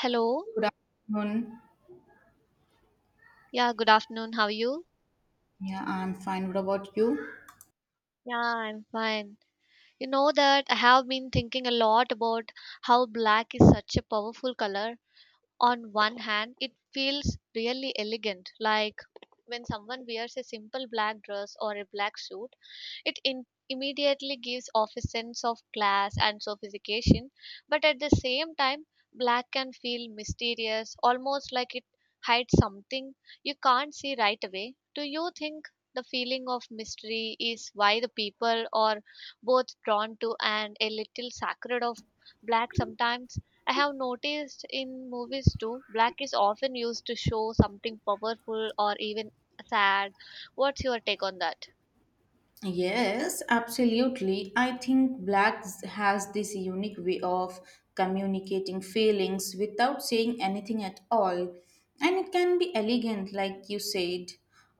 Hello. Good afternoon. Yeah, good afternoon. How are you? Yeah, I'm fine. What about you? Yeah, I'm fine. You know that I have been thinking a lot about how black is such a powerful color. On one hand, it feels really elegant, like when someone wears a simple black dress or a black suit, immediately gives off a sense of class and sophistication, but at the same time, black can feel mysterious, almost like it hides something you can't see right away. Do you think the feeling of mystery is why the people are both drawn to and a little sacred of black sometimes? I have noticed in movies too, black is often used to show something powerful or even sad. What's your take on that? Yes, absolutely. I think Black has this unique way of communicating feelings without saying anything at all. And it can be elegant, like you said,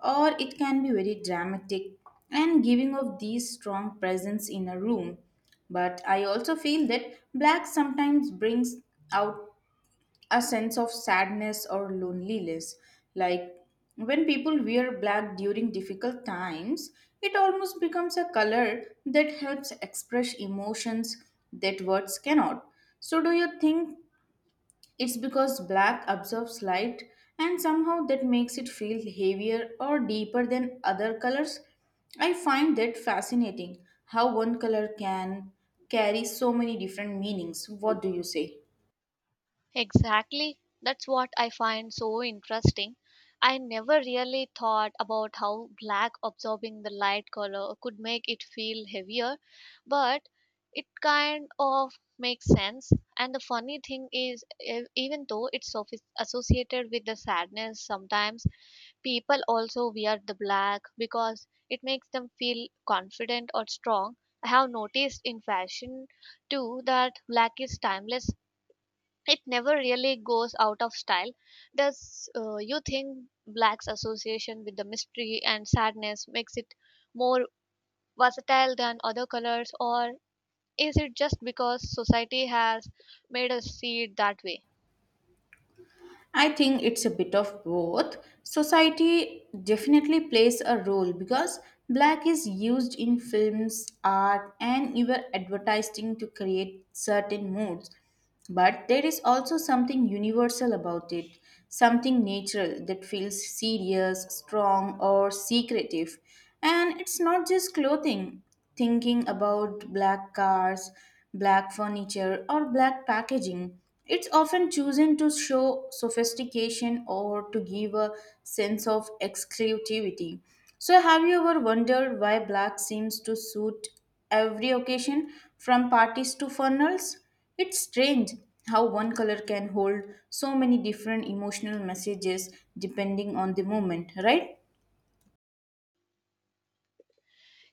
or it can be very dramatic and giving off these strong presence in a room. But I also feel that Black sometimes brings out a sense of sadness or loneliness. Like when people wear black during difficult times, it almost becomes a color that helps express emotions that words cannot. So, do you think it's because black absorbs light and somehow that makes it feel heavier or deeper than other colors? I find that fascinating how one color can carry so many different meanings. What do you say? Exactly. That's what I find so interesting. I never really thought about how black absorbing the light color could make it feel heavier, but it kind of makes sense. And the funny thing is, even though it's associated with the sadness, sometimes people also wear the black because it makes them feel confident or strong. I have noticed in fashion too that black is timeless. It never really goes out of style. Does you think black's association with the mystery and sadness makes it more versatile than other colors, or is it just because society has made us see it that way? I think it's a bit of both. Society definitely plays a role because black is used in films, art, and even advertising to create certain moods. But there is also something universal about it, something natural that feels serious, strong, or secretive. And it's not just clothing thinking about black cars, black furniture, or black packaging. It's often chosen to show sophistication or to give a sense of exclusivity. So, have you ever wondered why black seems to suit every occasion, from parties to funerals? It's strange how one color can hold so many different emotional messages depending on the moment, right?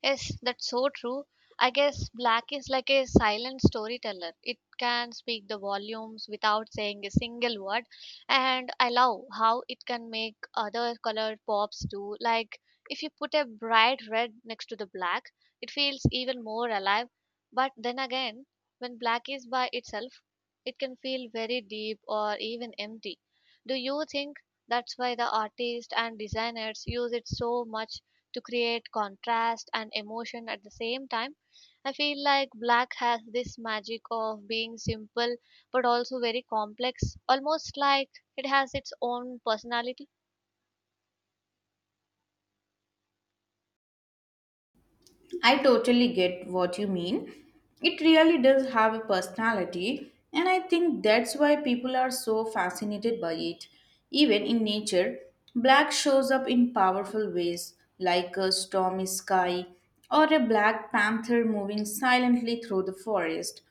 Yes, that's so true. I guess black is like a silent storyteller. It can speak the volumes without saying a single word. And I love how it can make other colored pops do. Like if you put a bright red next to the black, it feels even more alive. But then again, when black is by itself, it can feel very deep or even empty. Do you think that's why the artists and designers use it so much to create contrast and emotion at the same time? I feel like black has this magic of being simple but also very complex, almost like it has its own personality. I totally get what you mean. It really does have a personality, and I think that's why people are so fascinated by it. Even in nature, black shows up in powerful ways, like a stormy sky or a black panther moving silently through the forest.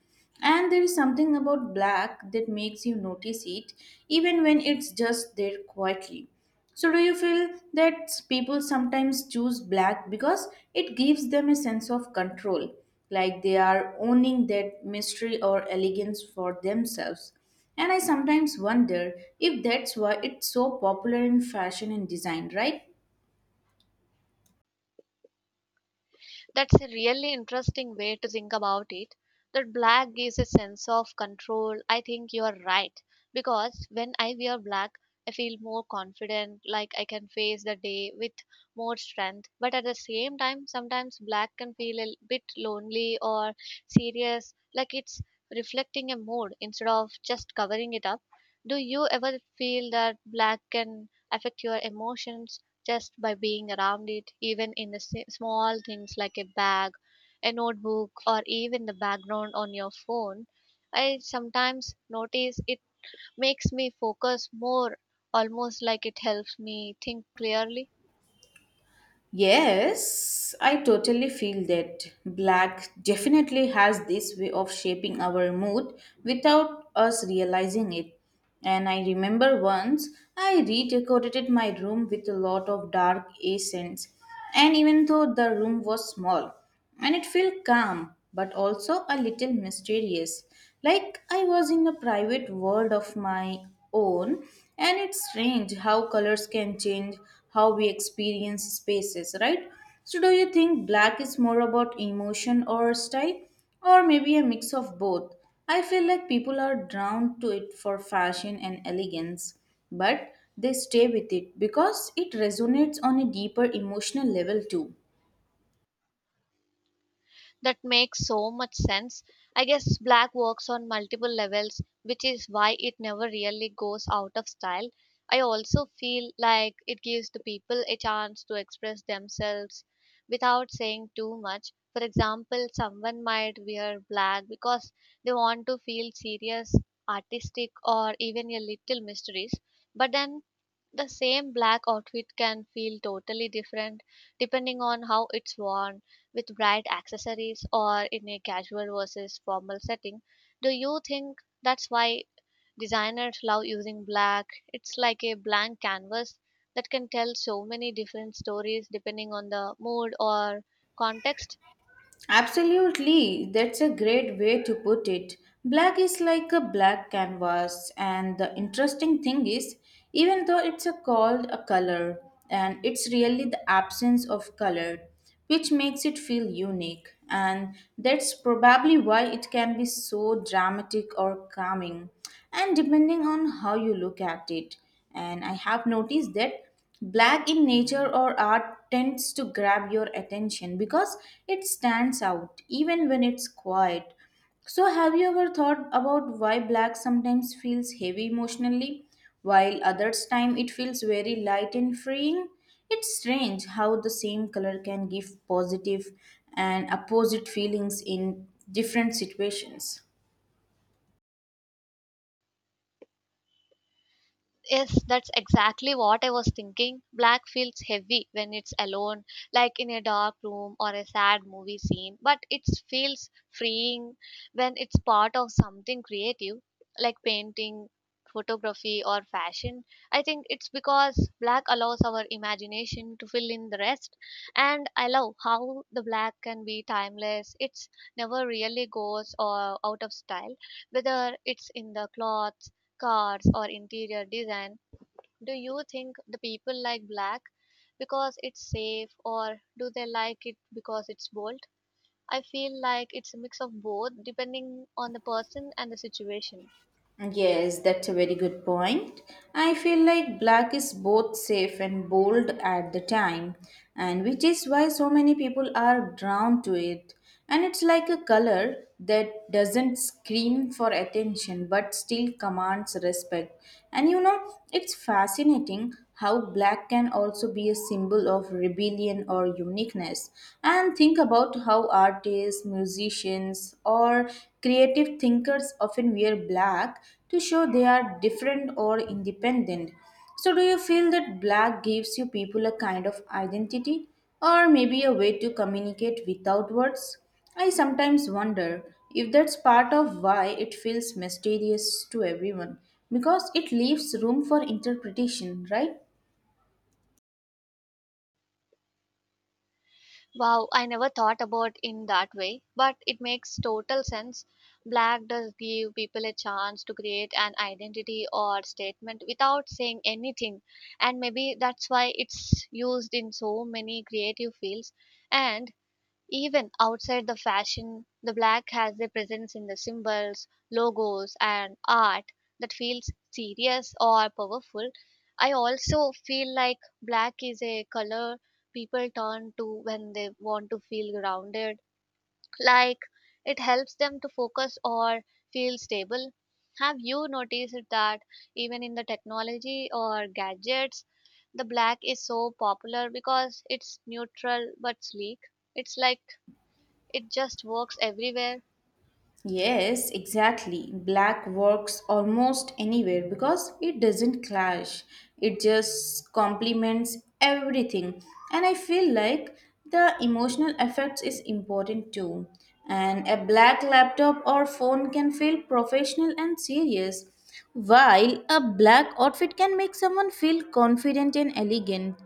And there is something about black that makes you notice it, even when it's just there quietly. So, do you feel that people sometimes choose black because it gives them a sense of control, like they are owning that mystery or elegance for themselves? And I sometimes wonder if that's why it's so popular in fashion and design, right? That's a really interesting way to think about it. That black gives a sense of control. I think you're right. Because when I wear black, I feel more confident, like I can face the day with more strength. But at the same time, sometimes black can feel a bit lonely or serious, like it's reflecting a mood instead of just covering it up. Do you ever feel that black can affect your emotions, just by being around it, even in the small things like a bag, a notebook, or even the background on your phone? I sometimes notice it makes me focus more, almost like it helps me think clearly. Yes, I totally feel that black definitely has this way of shaping our mood without us realizing it. And I remember once I redecorated my room with a lot of dark accents and even though the room was small, and it felt calm but also a little mysterious, like I was in a private world of my own. And it's strange how colors can change how we experience spaces, right? So, do you think black is more about emotion or style, or maybe a mix of both? I feel like people are drawn to it for fashion and elegance but they stay with it because it resonates on a deeper emotional level too. That makes so much sense. I guess black works on multiple levels, which is why it never really goes out of style. I also feel like it gives the people a chance to express themselves without saying too much. For example, someone might wear black because they want to feel serious, artistic, or even a little mysterious. But then the same black outfit can feel totally different depending on how it's worn, with bright accessories or in a casual versus formal setting. Do you think that's why designers love using black? It's like a blank canvas that can tell so many different stories depending on the mood or context. Absolutely, that's a great way to put it. Black is like a black canvas, and the interesting thing is, even though it's a called a color, and it's really the absence of color which makes it feel unique, and that's probably why it can be so dramatic or calming, and depending on how you look at it. And I have noticed that Black in nature or art tends to grab your attention because it stands out even when it's quiet. So, have you ever thought about why black sometimes feels heavy emotionally, while others time it feels very light and freeing? It's strange how the same color can give positive and opposite feelings in different situations. Yes, that's exactly what I was thinking. Black feels heavy when it's alone, like in a dark room or a sad movie scene, but it feels freeing when it's part of something creative, like painting, photography, or fashion. I think it's because black allows our imagination to fill in the rest, and I love how the black can be timeless. It's never really goes or out of style, whether it's in the clothes, cars, or interior design. Do you think the people like black because it's safe, or do they like it because it's bold? I feel like it's a mix of both depending on the person and the situation. Yes, that's a very good point. I feel like black is both safe and bold at the time, and which is why so many people are drawn to it. And it's like a color that doesn't scream for attention but still commands respect. And you know, it's fascinating how black can also be a symbol of rebellion or uniqueness. And think about how artists, musicians, or creative thinkers often wear black to show they are different or independent. So, do you feel that black gives you people a kind of identity or maybe a way to communicate without words? I sometimes wonder if that's part of why it feels mysterious to everyone, because it leaves room for interpretation, right? Wow, I never thought about in that way, but it makes total sense. Black does give people a chance to create an identity or statement without saying anything, and maybe that's why it's used in so many creative fields. And even outside the fashion, the black has a presence in the symbols, logos, and art that feels serious or powerful. I also feel like black is a color people turn to when they want to feel grounded, like it helps them to focus or feel stable. Have you noticed that even in the technology or gadgets, the black is so popular because it's neutral but sleek? It's like it just works everywhere. Yes, exactly. Black works almost anywhere because it doesn't clash. It just complements everything. And I feel like the emotional effects is important too. And a black laptop or phone can feel professional and serious, while a black outfit can make someone feel confident and elegant.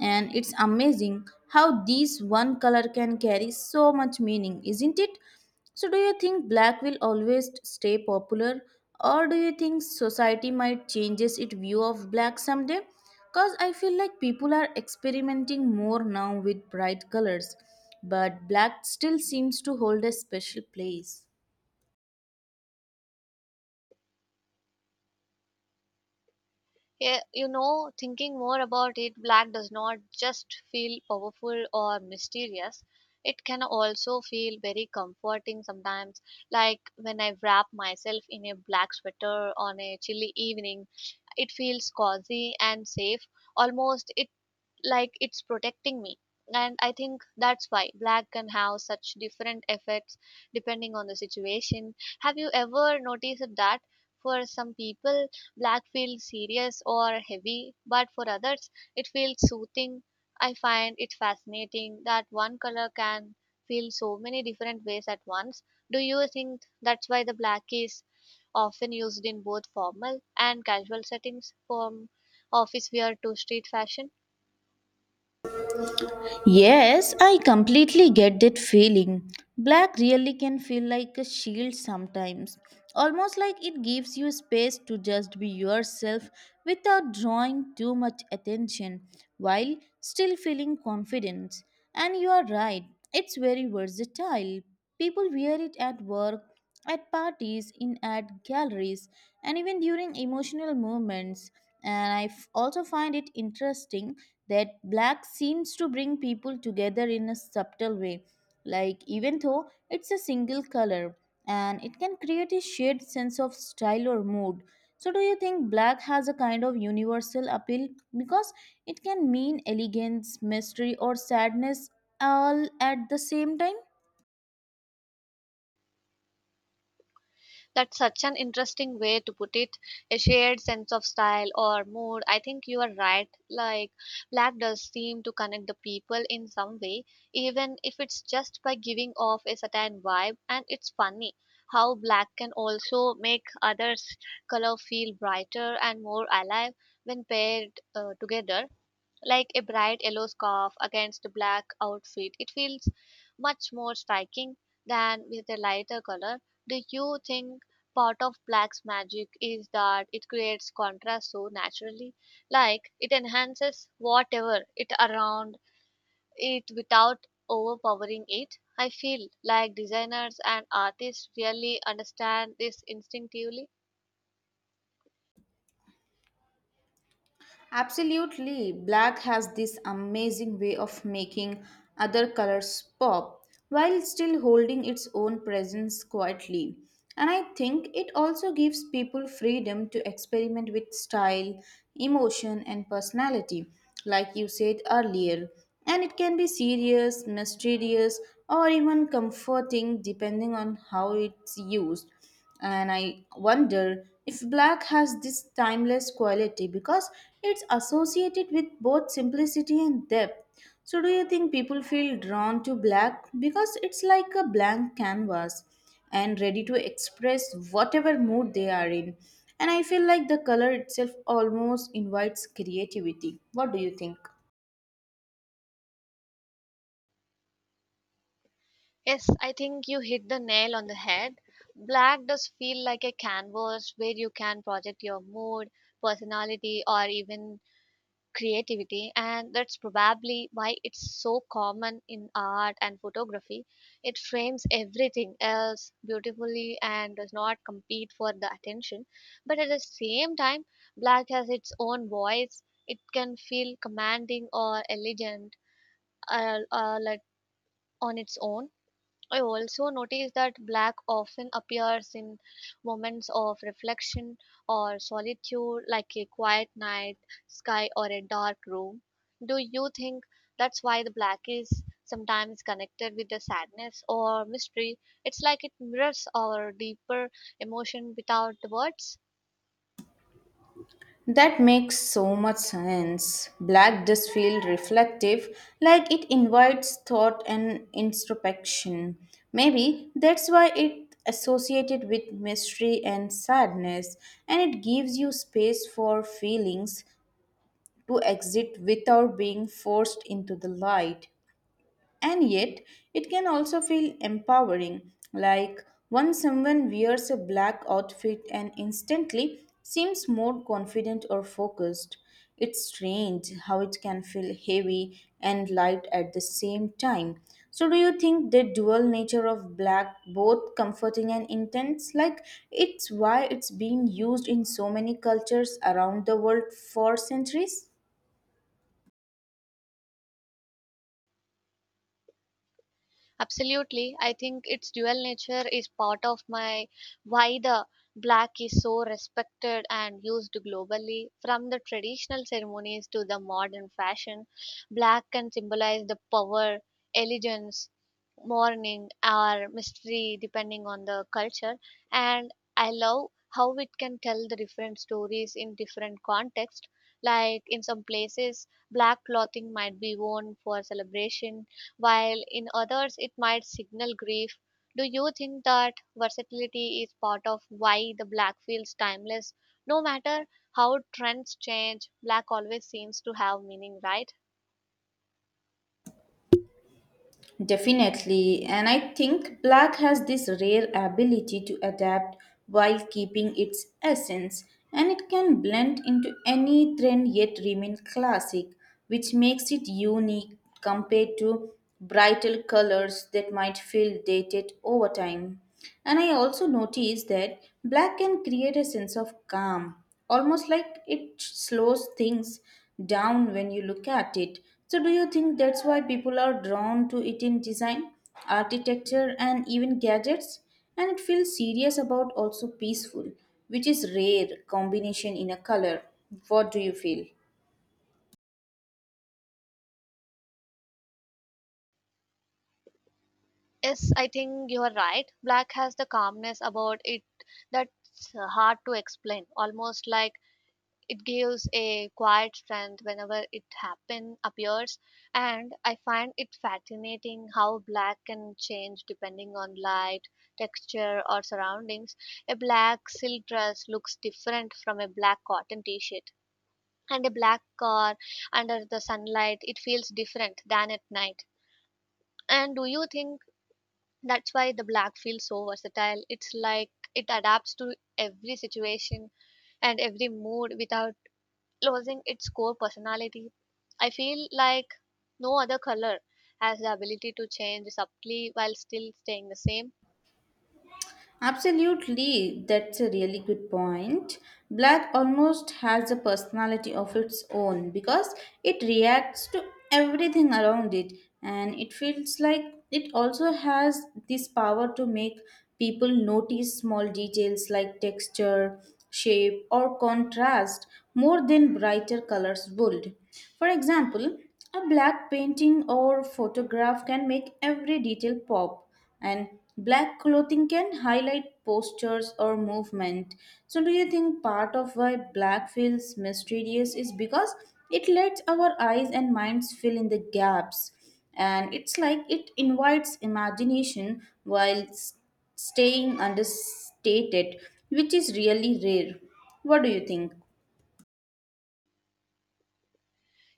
And it's amazing how these one color can carry so much meaning, isn't it? So, do you think black will always stay popular, or do you think society might changes its view of black someday? Cause I feel like people are experimenting more now with bright colors, but black still seems to hold a special place. Yeah, you know, thinking more about it, black does not just feel powerful or mysterious. It can also feel very comforting sometimes. Like when I wrap myself in a black sweater on a chilly evening, it feels cozy and safe. Almost it like it's protecting me, and I think that's why black can have such different effects depending on the situation. Have you ever noticed that for some people black feels serious or heavy but for others it feels soothing? I find it fascinating that one color can feel so many different ways at once. Do you think that's why the black is often used in both formal and casual settings, from office wear to street fashion? Yes, I completely get that feeling. Black really can feel like a shield sometimes, almost like it gives you space to just be yourself without drawing too much attention while still feeling confident. And you are right, it's very versatile. People wear it at work, at parties, in art galleries, and even during emotional moments. And I also find it interesting that black seems to bring people together in a subtle way, like even though it's a single color and it can create a shared sense of style or mood. So, do you think black has a kind of universal appeal because it can mean elegance, mystery, or sadness all at the same time? That's such an interesting way to put it. A shared sense of style or mood. I think you are right. Like, black does seem to connect the people in some way, even if it's just by giving off a certain vibe. And it's funny how black can also make others' color feel brighter and more alive when paired together, like a bright yellow scarf against a black outfit. It feels much more striking than with a lighter color. Do you think part of black's magic is that it creates contrast so naturally? Like it enhances whatever it around it without overpowering it? I feel like designers and artists really understand this instinctively. Absolutely, black has this amazing way of making other colors pop while still holding its own presence quietly. And I think it also gives people freedom to experiment with style, emotion, and personality, like you said earlier. And it can be serious, mysterious, or even comforting depending on how it's used. And I wonder if black has this timeless quality because it's associated with both simplicity and depth. So, do you think people feel drawn to black because it's like a blank canvas and ready to express whatever mood they are in? And I feel like the color itself almost invites creativity. What do you think? Yes, I think you hit the nail on the head. Black does feel like a canvas where you can project your mood, personality, or even creativity, and that's probably why it's so common in art and photography. It frames everything else beautifully and does not compete for the attention. But at the same time, black has its own voice. It can feel commanding or elegant like on its own. I also notice that black often appears in moments of reflection or solitude, like a quiet night sky or a dark room. Do you think that's why the black is sometimes connected with the sadness or mystery? It's like it mirrors our deeper emotion without the words. That makes so much sense. Black does feel reflective, like it invites thought and introspection. Maybe that's why it associated with mystery and sadness, and it gives you space for feelings to exit without being forced into the light. And yet, it can also feel empowering, like once someone wears a black outfit and instantly seems more confident or focused. It's strange how it can feel heavy and light at the same time. So, do you think the dual nature of black both comforting and intense? Like, it's why it's been used in so many cultures around the world for centuries? Absolutely. I think its dual nature is part of my why the black is so respected and used globally. From the traditional ceremonies to the modern fashion, black can symbolize the power, elegance, mourning, or mystery, depending on the culture. And I love how it can tell the different stories in different contexts. Like in some places, black clothing might be worn for celebration, while in others it might signal grief. Do you think that versatility is part of why the black feels timeless? No matter how trends change, black always seems to have meaning, right? Definitely, and I think black has this rare ability to adapt while keeping its essence, and it can blend into any trend yet remain classic, which makes it unique compared to brighter colors that might feel dated over time. And I also noticed that black can create a sense of calm, almost like it slows things down when you look at it. So, do you think that's why people are drawn to it in design, architecture, and even gadgets? And it feels serious about also peaceful, which is rare combination in a color. What do you feel? Yes, I think you are right. Black has the calmness about it that's hard to explain, almost like it gives a quiet strength whenever it happen appears, and I find it fascinating how black can change depending on light, texture, or surroundings. A black silk dress looks different from a black cotton t-shirt, and a black car under the sunlight it feels different than at night. And do you think that's why the black feels so versatile? It's like it adapts to every situation and every mood without losing its core personality. I feel like no other color has the ability to change subtly while still staying the same. Absolutely, that's a really good point. Black almost has a personality of its own because it reacts to everything around it, and it feels like it also has this power to make people notice small details like texture, shape, or contrast more than brighter colors would. For example, a black painting or photograph can make every detail pop, and black clothing can highlight postures or movement. So, do you think part of why black feels mysterious is because it lets our eyes and minds fill in the gaps? And it's like it invites imagination while staying understated, which is really rare. What do you think?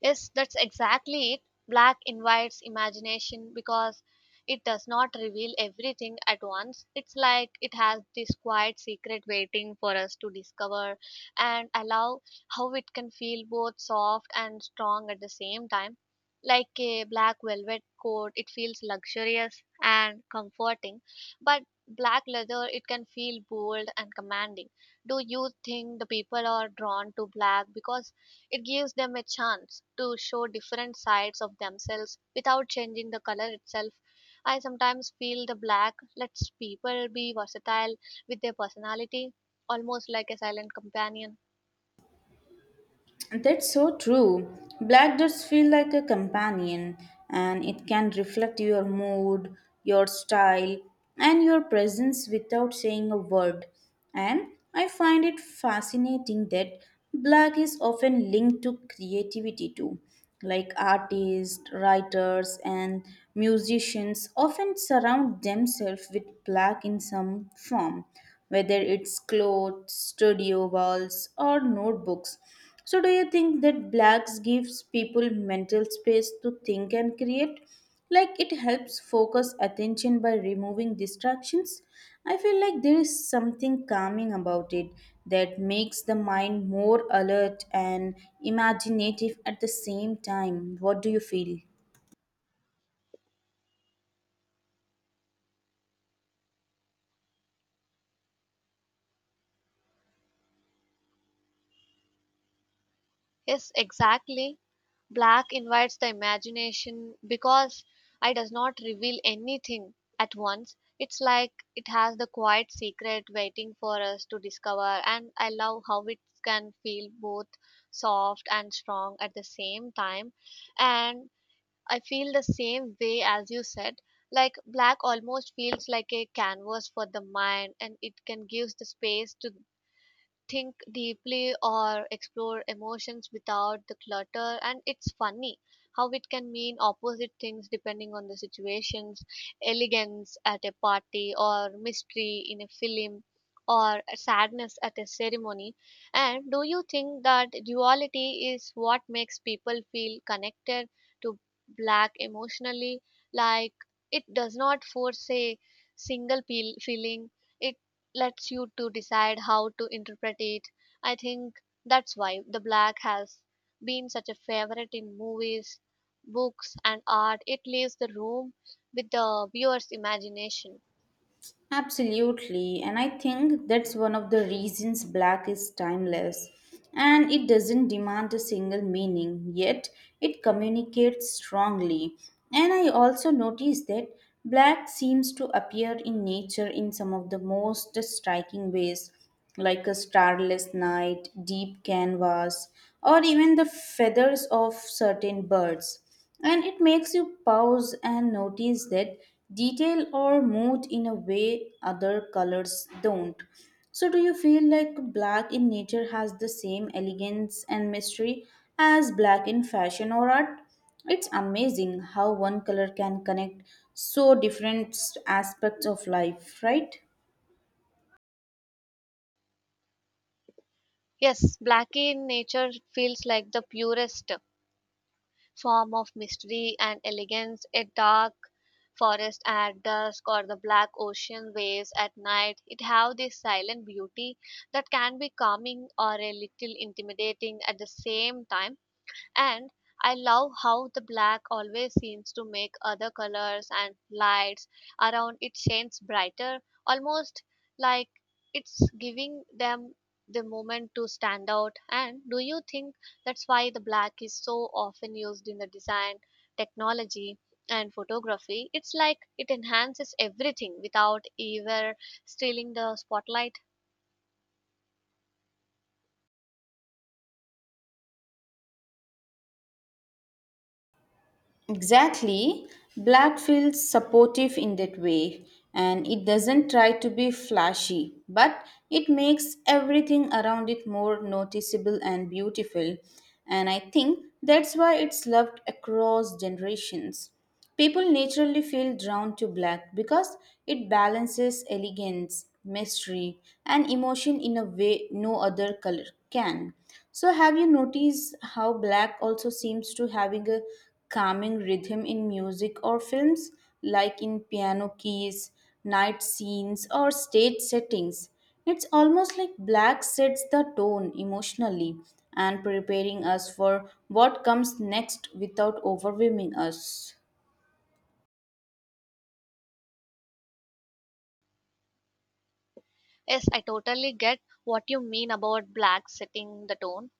Yes, that's exactly it. Black invites imagination because it does not reveal everything at once. It's like it has this quiet secret waiting for us to discover, and allow how it can feel both soft and strong at the same time. Like a black velvet coat, it feels luxurious and comforting, but black leather, it can feel bold and commanding. Do you think the people are drawn to black because it gives them a chance to show different sides of themselves without changing the color itself? I sometimes feel the black lets people be versatile with their personality, almost like a silent companion. That's so true. Black does feel like a companion and it can reflect your mood, your style, and your presence without saying a word. And I find it fascinating that black is often linked to creativity too, like artists, writers, and musicians often surround themselves with black in some form, whether it's clothes, studio walls, or notebooks. So, do you think that blacks gives people mental space to think and create? Like it helps focus attention by removing distractions. I feel like there is something calming about it that makes the mind more alert and imaginative at the same time. What do you feel? Yes, exactly. Black invites the imagination because it does not reveal anything at once. It's like it has the quiet secret waiting for us to discover, and I love how it can feel both soft and strong at the same time. And I feel the same way as you said. Like black almost feels like a canvas for the mind, and it can give the space to think deeply or explore emotions without the clutter. And it's funny how it can mean opposite things depending on the situations: elegance at a party, or mystery in a film, or sadness at a ceremony. And do you think that duality is what makes people feel connected to black emotionally? Like it does not force a single peel feeling, it lets you to decide how to interpret it. I think that's why the black has been such a favorite in movies, books, and art. It leaves the room with the viewer's imagination. Absolutely, and I think that's one of the reasons black is timeless. And it doesn't demand a single meaning, yet it communicates strongly. And I also noticed that black seems to appear in nature in some of the most striking ways, like a starless night, deep canvas, or even the feathers of certain birds. And it makes you pause and notice that detail or mood in a way other colors don't. So, do you feel like black in nature has the same elegance and mystery as black in fashion or art? It's amazing how one color can connect so different aspects of life, right? Yes, black in nature feels like the purest form of mystery and elegance. A dark forest at dusk or the black ocean waves at night, it have this silent beauty that can be calming or a little intimidating at the same time. And I love how the black always seems to make other colors and lights around it shines brighter, almost like it's giving them the moment to stand out. And do you think that's why the black is so often used in the design, technology, and photography? It's like it enhances everything without ever stealing the spotlight. Exactly. Black feels supportive in that way, and it doesn't try to be flashy, but it makes everything around it more noticeable and beautiful. And I think that's why it's loved across generations. People naturally feel drawn to black because it balances elegance, mystery, and emotion in a way no other color can. So, have you noticed how black also seems to having a calming rhythm in music or films, like in piano keys, night scenes, or stage settings? It's almost like black sets the tone emotionally and preparing us for what comes next without overwhelming us. Yes, I totally get what you mean about black setting the tone.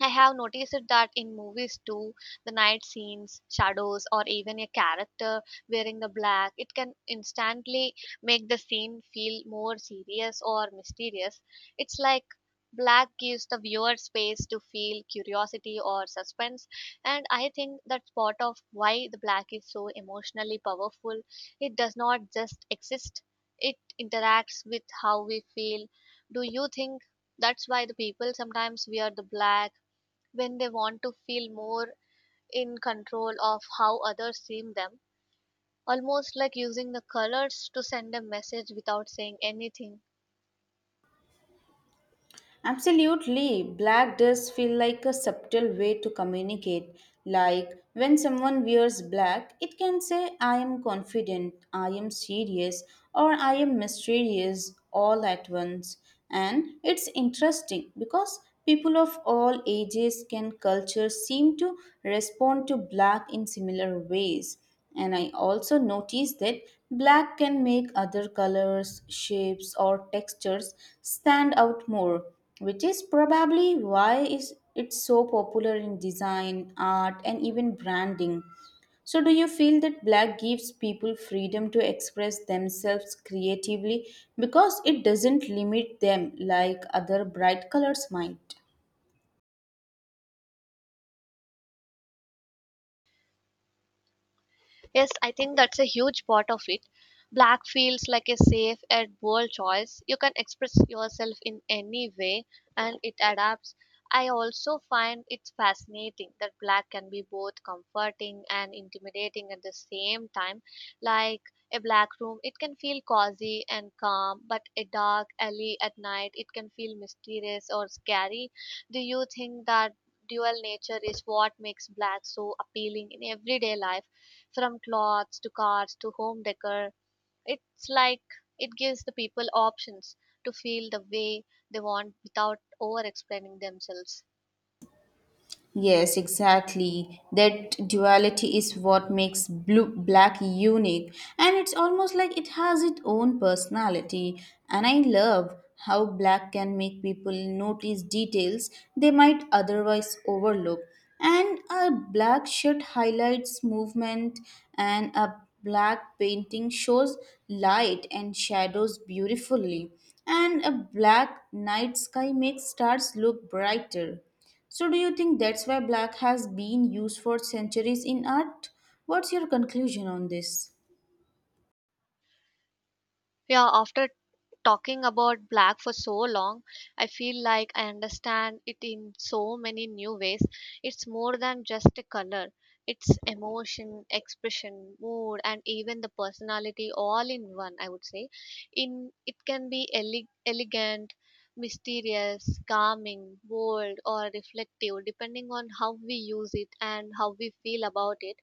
I have noticed it that in movies too, the night scenes, shadows, or even a character wearing the black, it can instantly make the scene feel more serious or mysterious. It's like black gives the viewer space to feel curiosity or suspense, and I think that's part of why the black is so emotionally powerful. It does not just exist, it interacts with how we feel. Do you think that's why the people sometimes wear the black when they want to feel more in control of how others see them, almost like using the colors to send a message without saying anything? Absolutely. Black does feel like a subtle way to communicate. Like when someone wears black, it can say, I am confident, I am serious, or I am mysterious all at once. And it's interesting because people of all ages and cultures seem to respond to black in similar ways. And I also noticed that black can make other colors, shapes, or textures stand out more, which is probably why is it so popular in design, art, and even branding. So, do you feel that black gives people freedom to express themselves creatively because it doesn't limit them like other bright colors might? Yes, I think that's a huge part of it. Black feels like a safe and bold choice. You can express yourself in any way and it adapts. I also find it's fascinating that black can be both comforting and intimidating at the same time. Like a black room, it can feel cozy and calm, but a dark alley at night, it can feel mysterious or scary. Do you think that dual nature is what makes black so appealing in everyday life? From clothes to cars to home decor, it's like it gives the people options to feel the way they want without over explaining themselves. Yes, exactly. That duality is what makes blue black unique, and it's almost like it has its own personality. And I love how black can make people notice details they might otherwise overlook. And a black shirt highlights movement, and a black painting shows light and shadows beautifully, and a black night sky makes stars look brighter. So, do you think that's why black has been used for centuries in art? What's your conclusion on this? Yeah, after talking about black for so long, I feel like I understand it in so many new ways. It's more than just a color, it's emotion, expression, mood, and even the personality all in one, I would say. In it can be elegant, mysterious, calming, bold, or reflective, depending on how we use it and how we feel about it.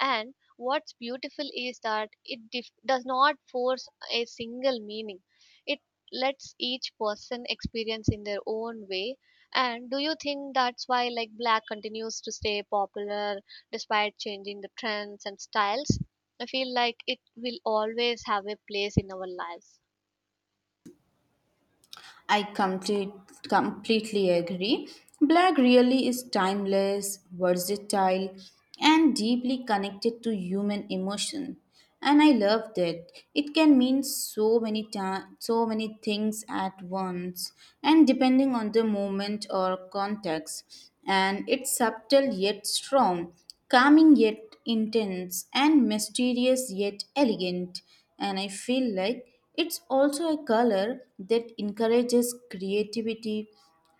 And what's beautiful is that it does not force a single meaning. It lets each person experience in their own way. And do you think that's why, like, black continues to stay popular despite changing the trends and styles? I feel like it will always have a place in our lives. I completely agree. Black really is timeless, versatile, and deeply connected to human emotion. And I love that. It can mean so many things at once and depending on the moment or context. And it's subtle yet strong, calming yet intense, and mysterious yet elegant. And I feel like it's also a color that encourages creativity,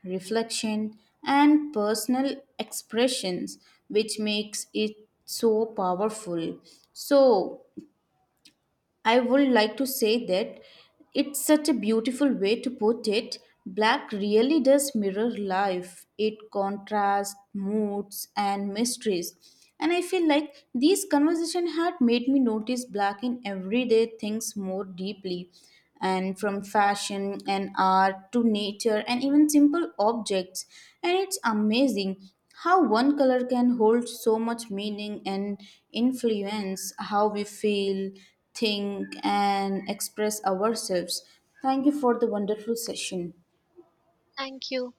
reflection, and personal expressions, which makes it so powerful. So, I would like to say that it's such a beautiful way to put it. Black really does mirror life, it contrasts moods and mysteries. And I feel like these conversations had made me notice black in everyday things more deeply, and from fashion and art to nature and even simple objects. And it's amazing how one color can hold so much meaning and influence how we feel, think, and express ourselves. Thank you for the wonderful session. Thank you.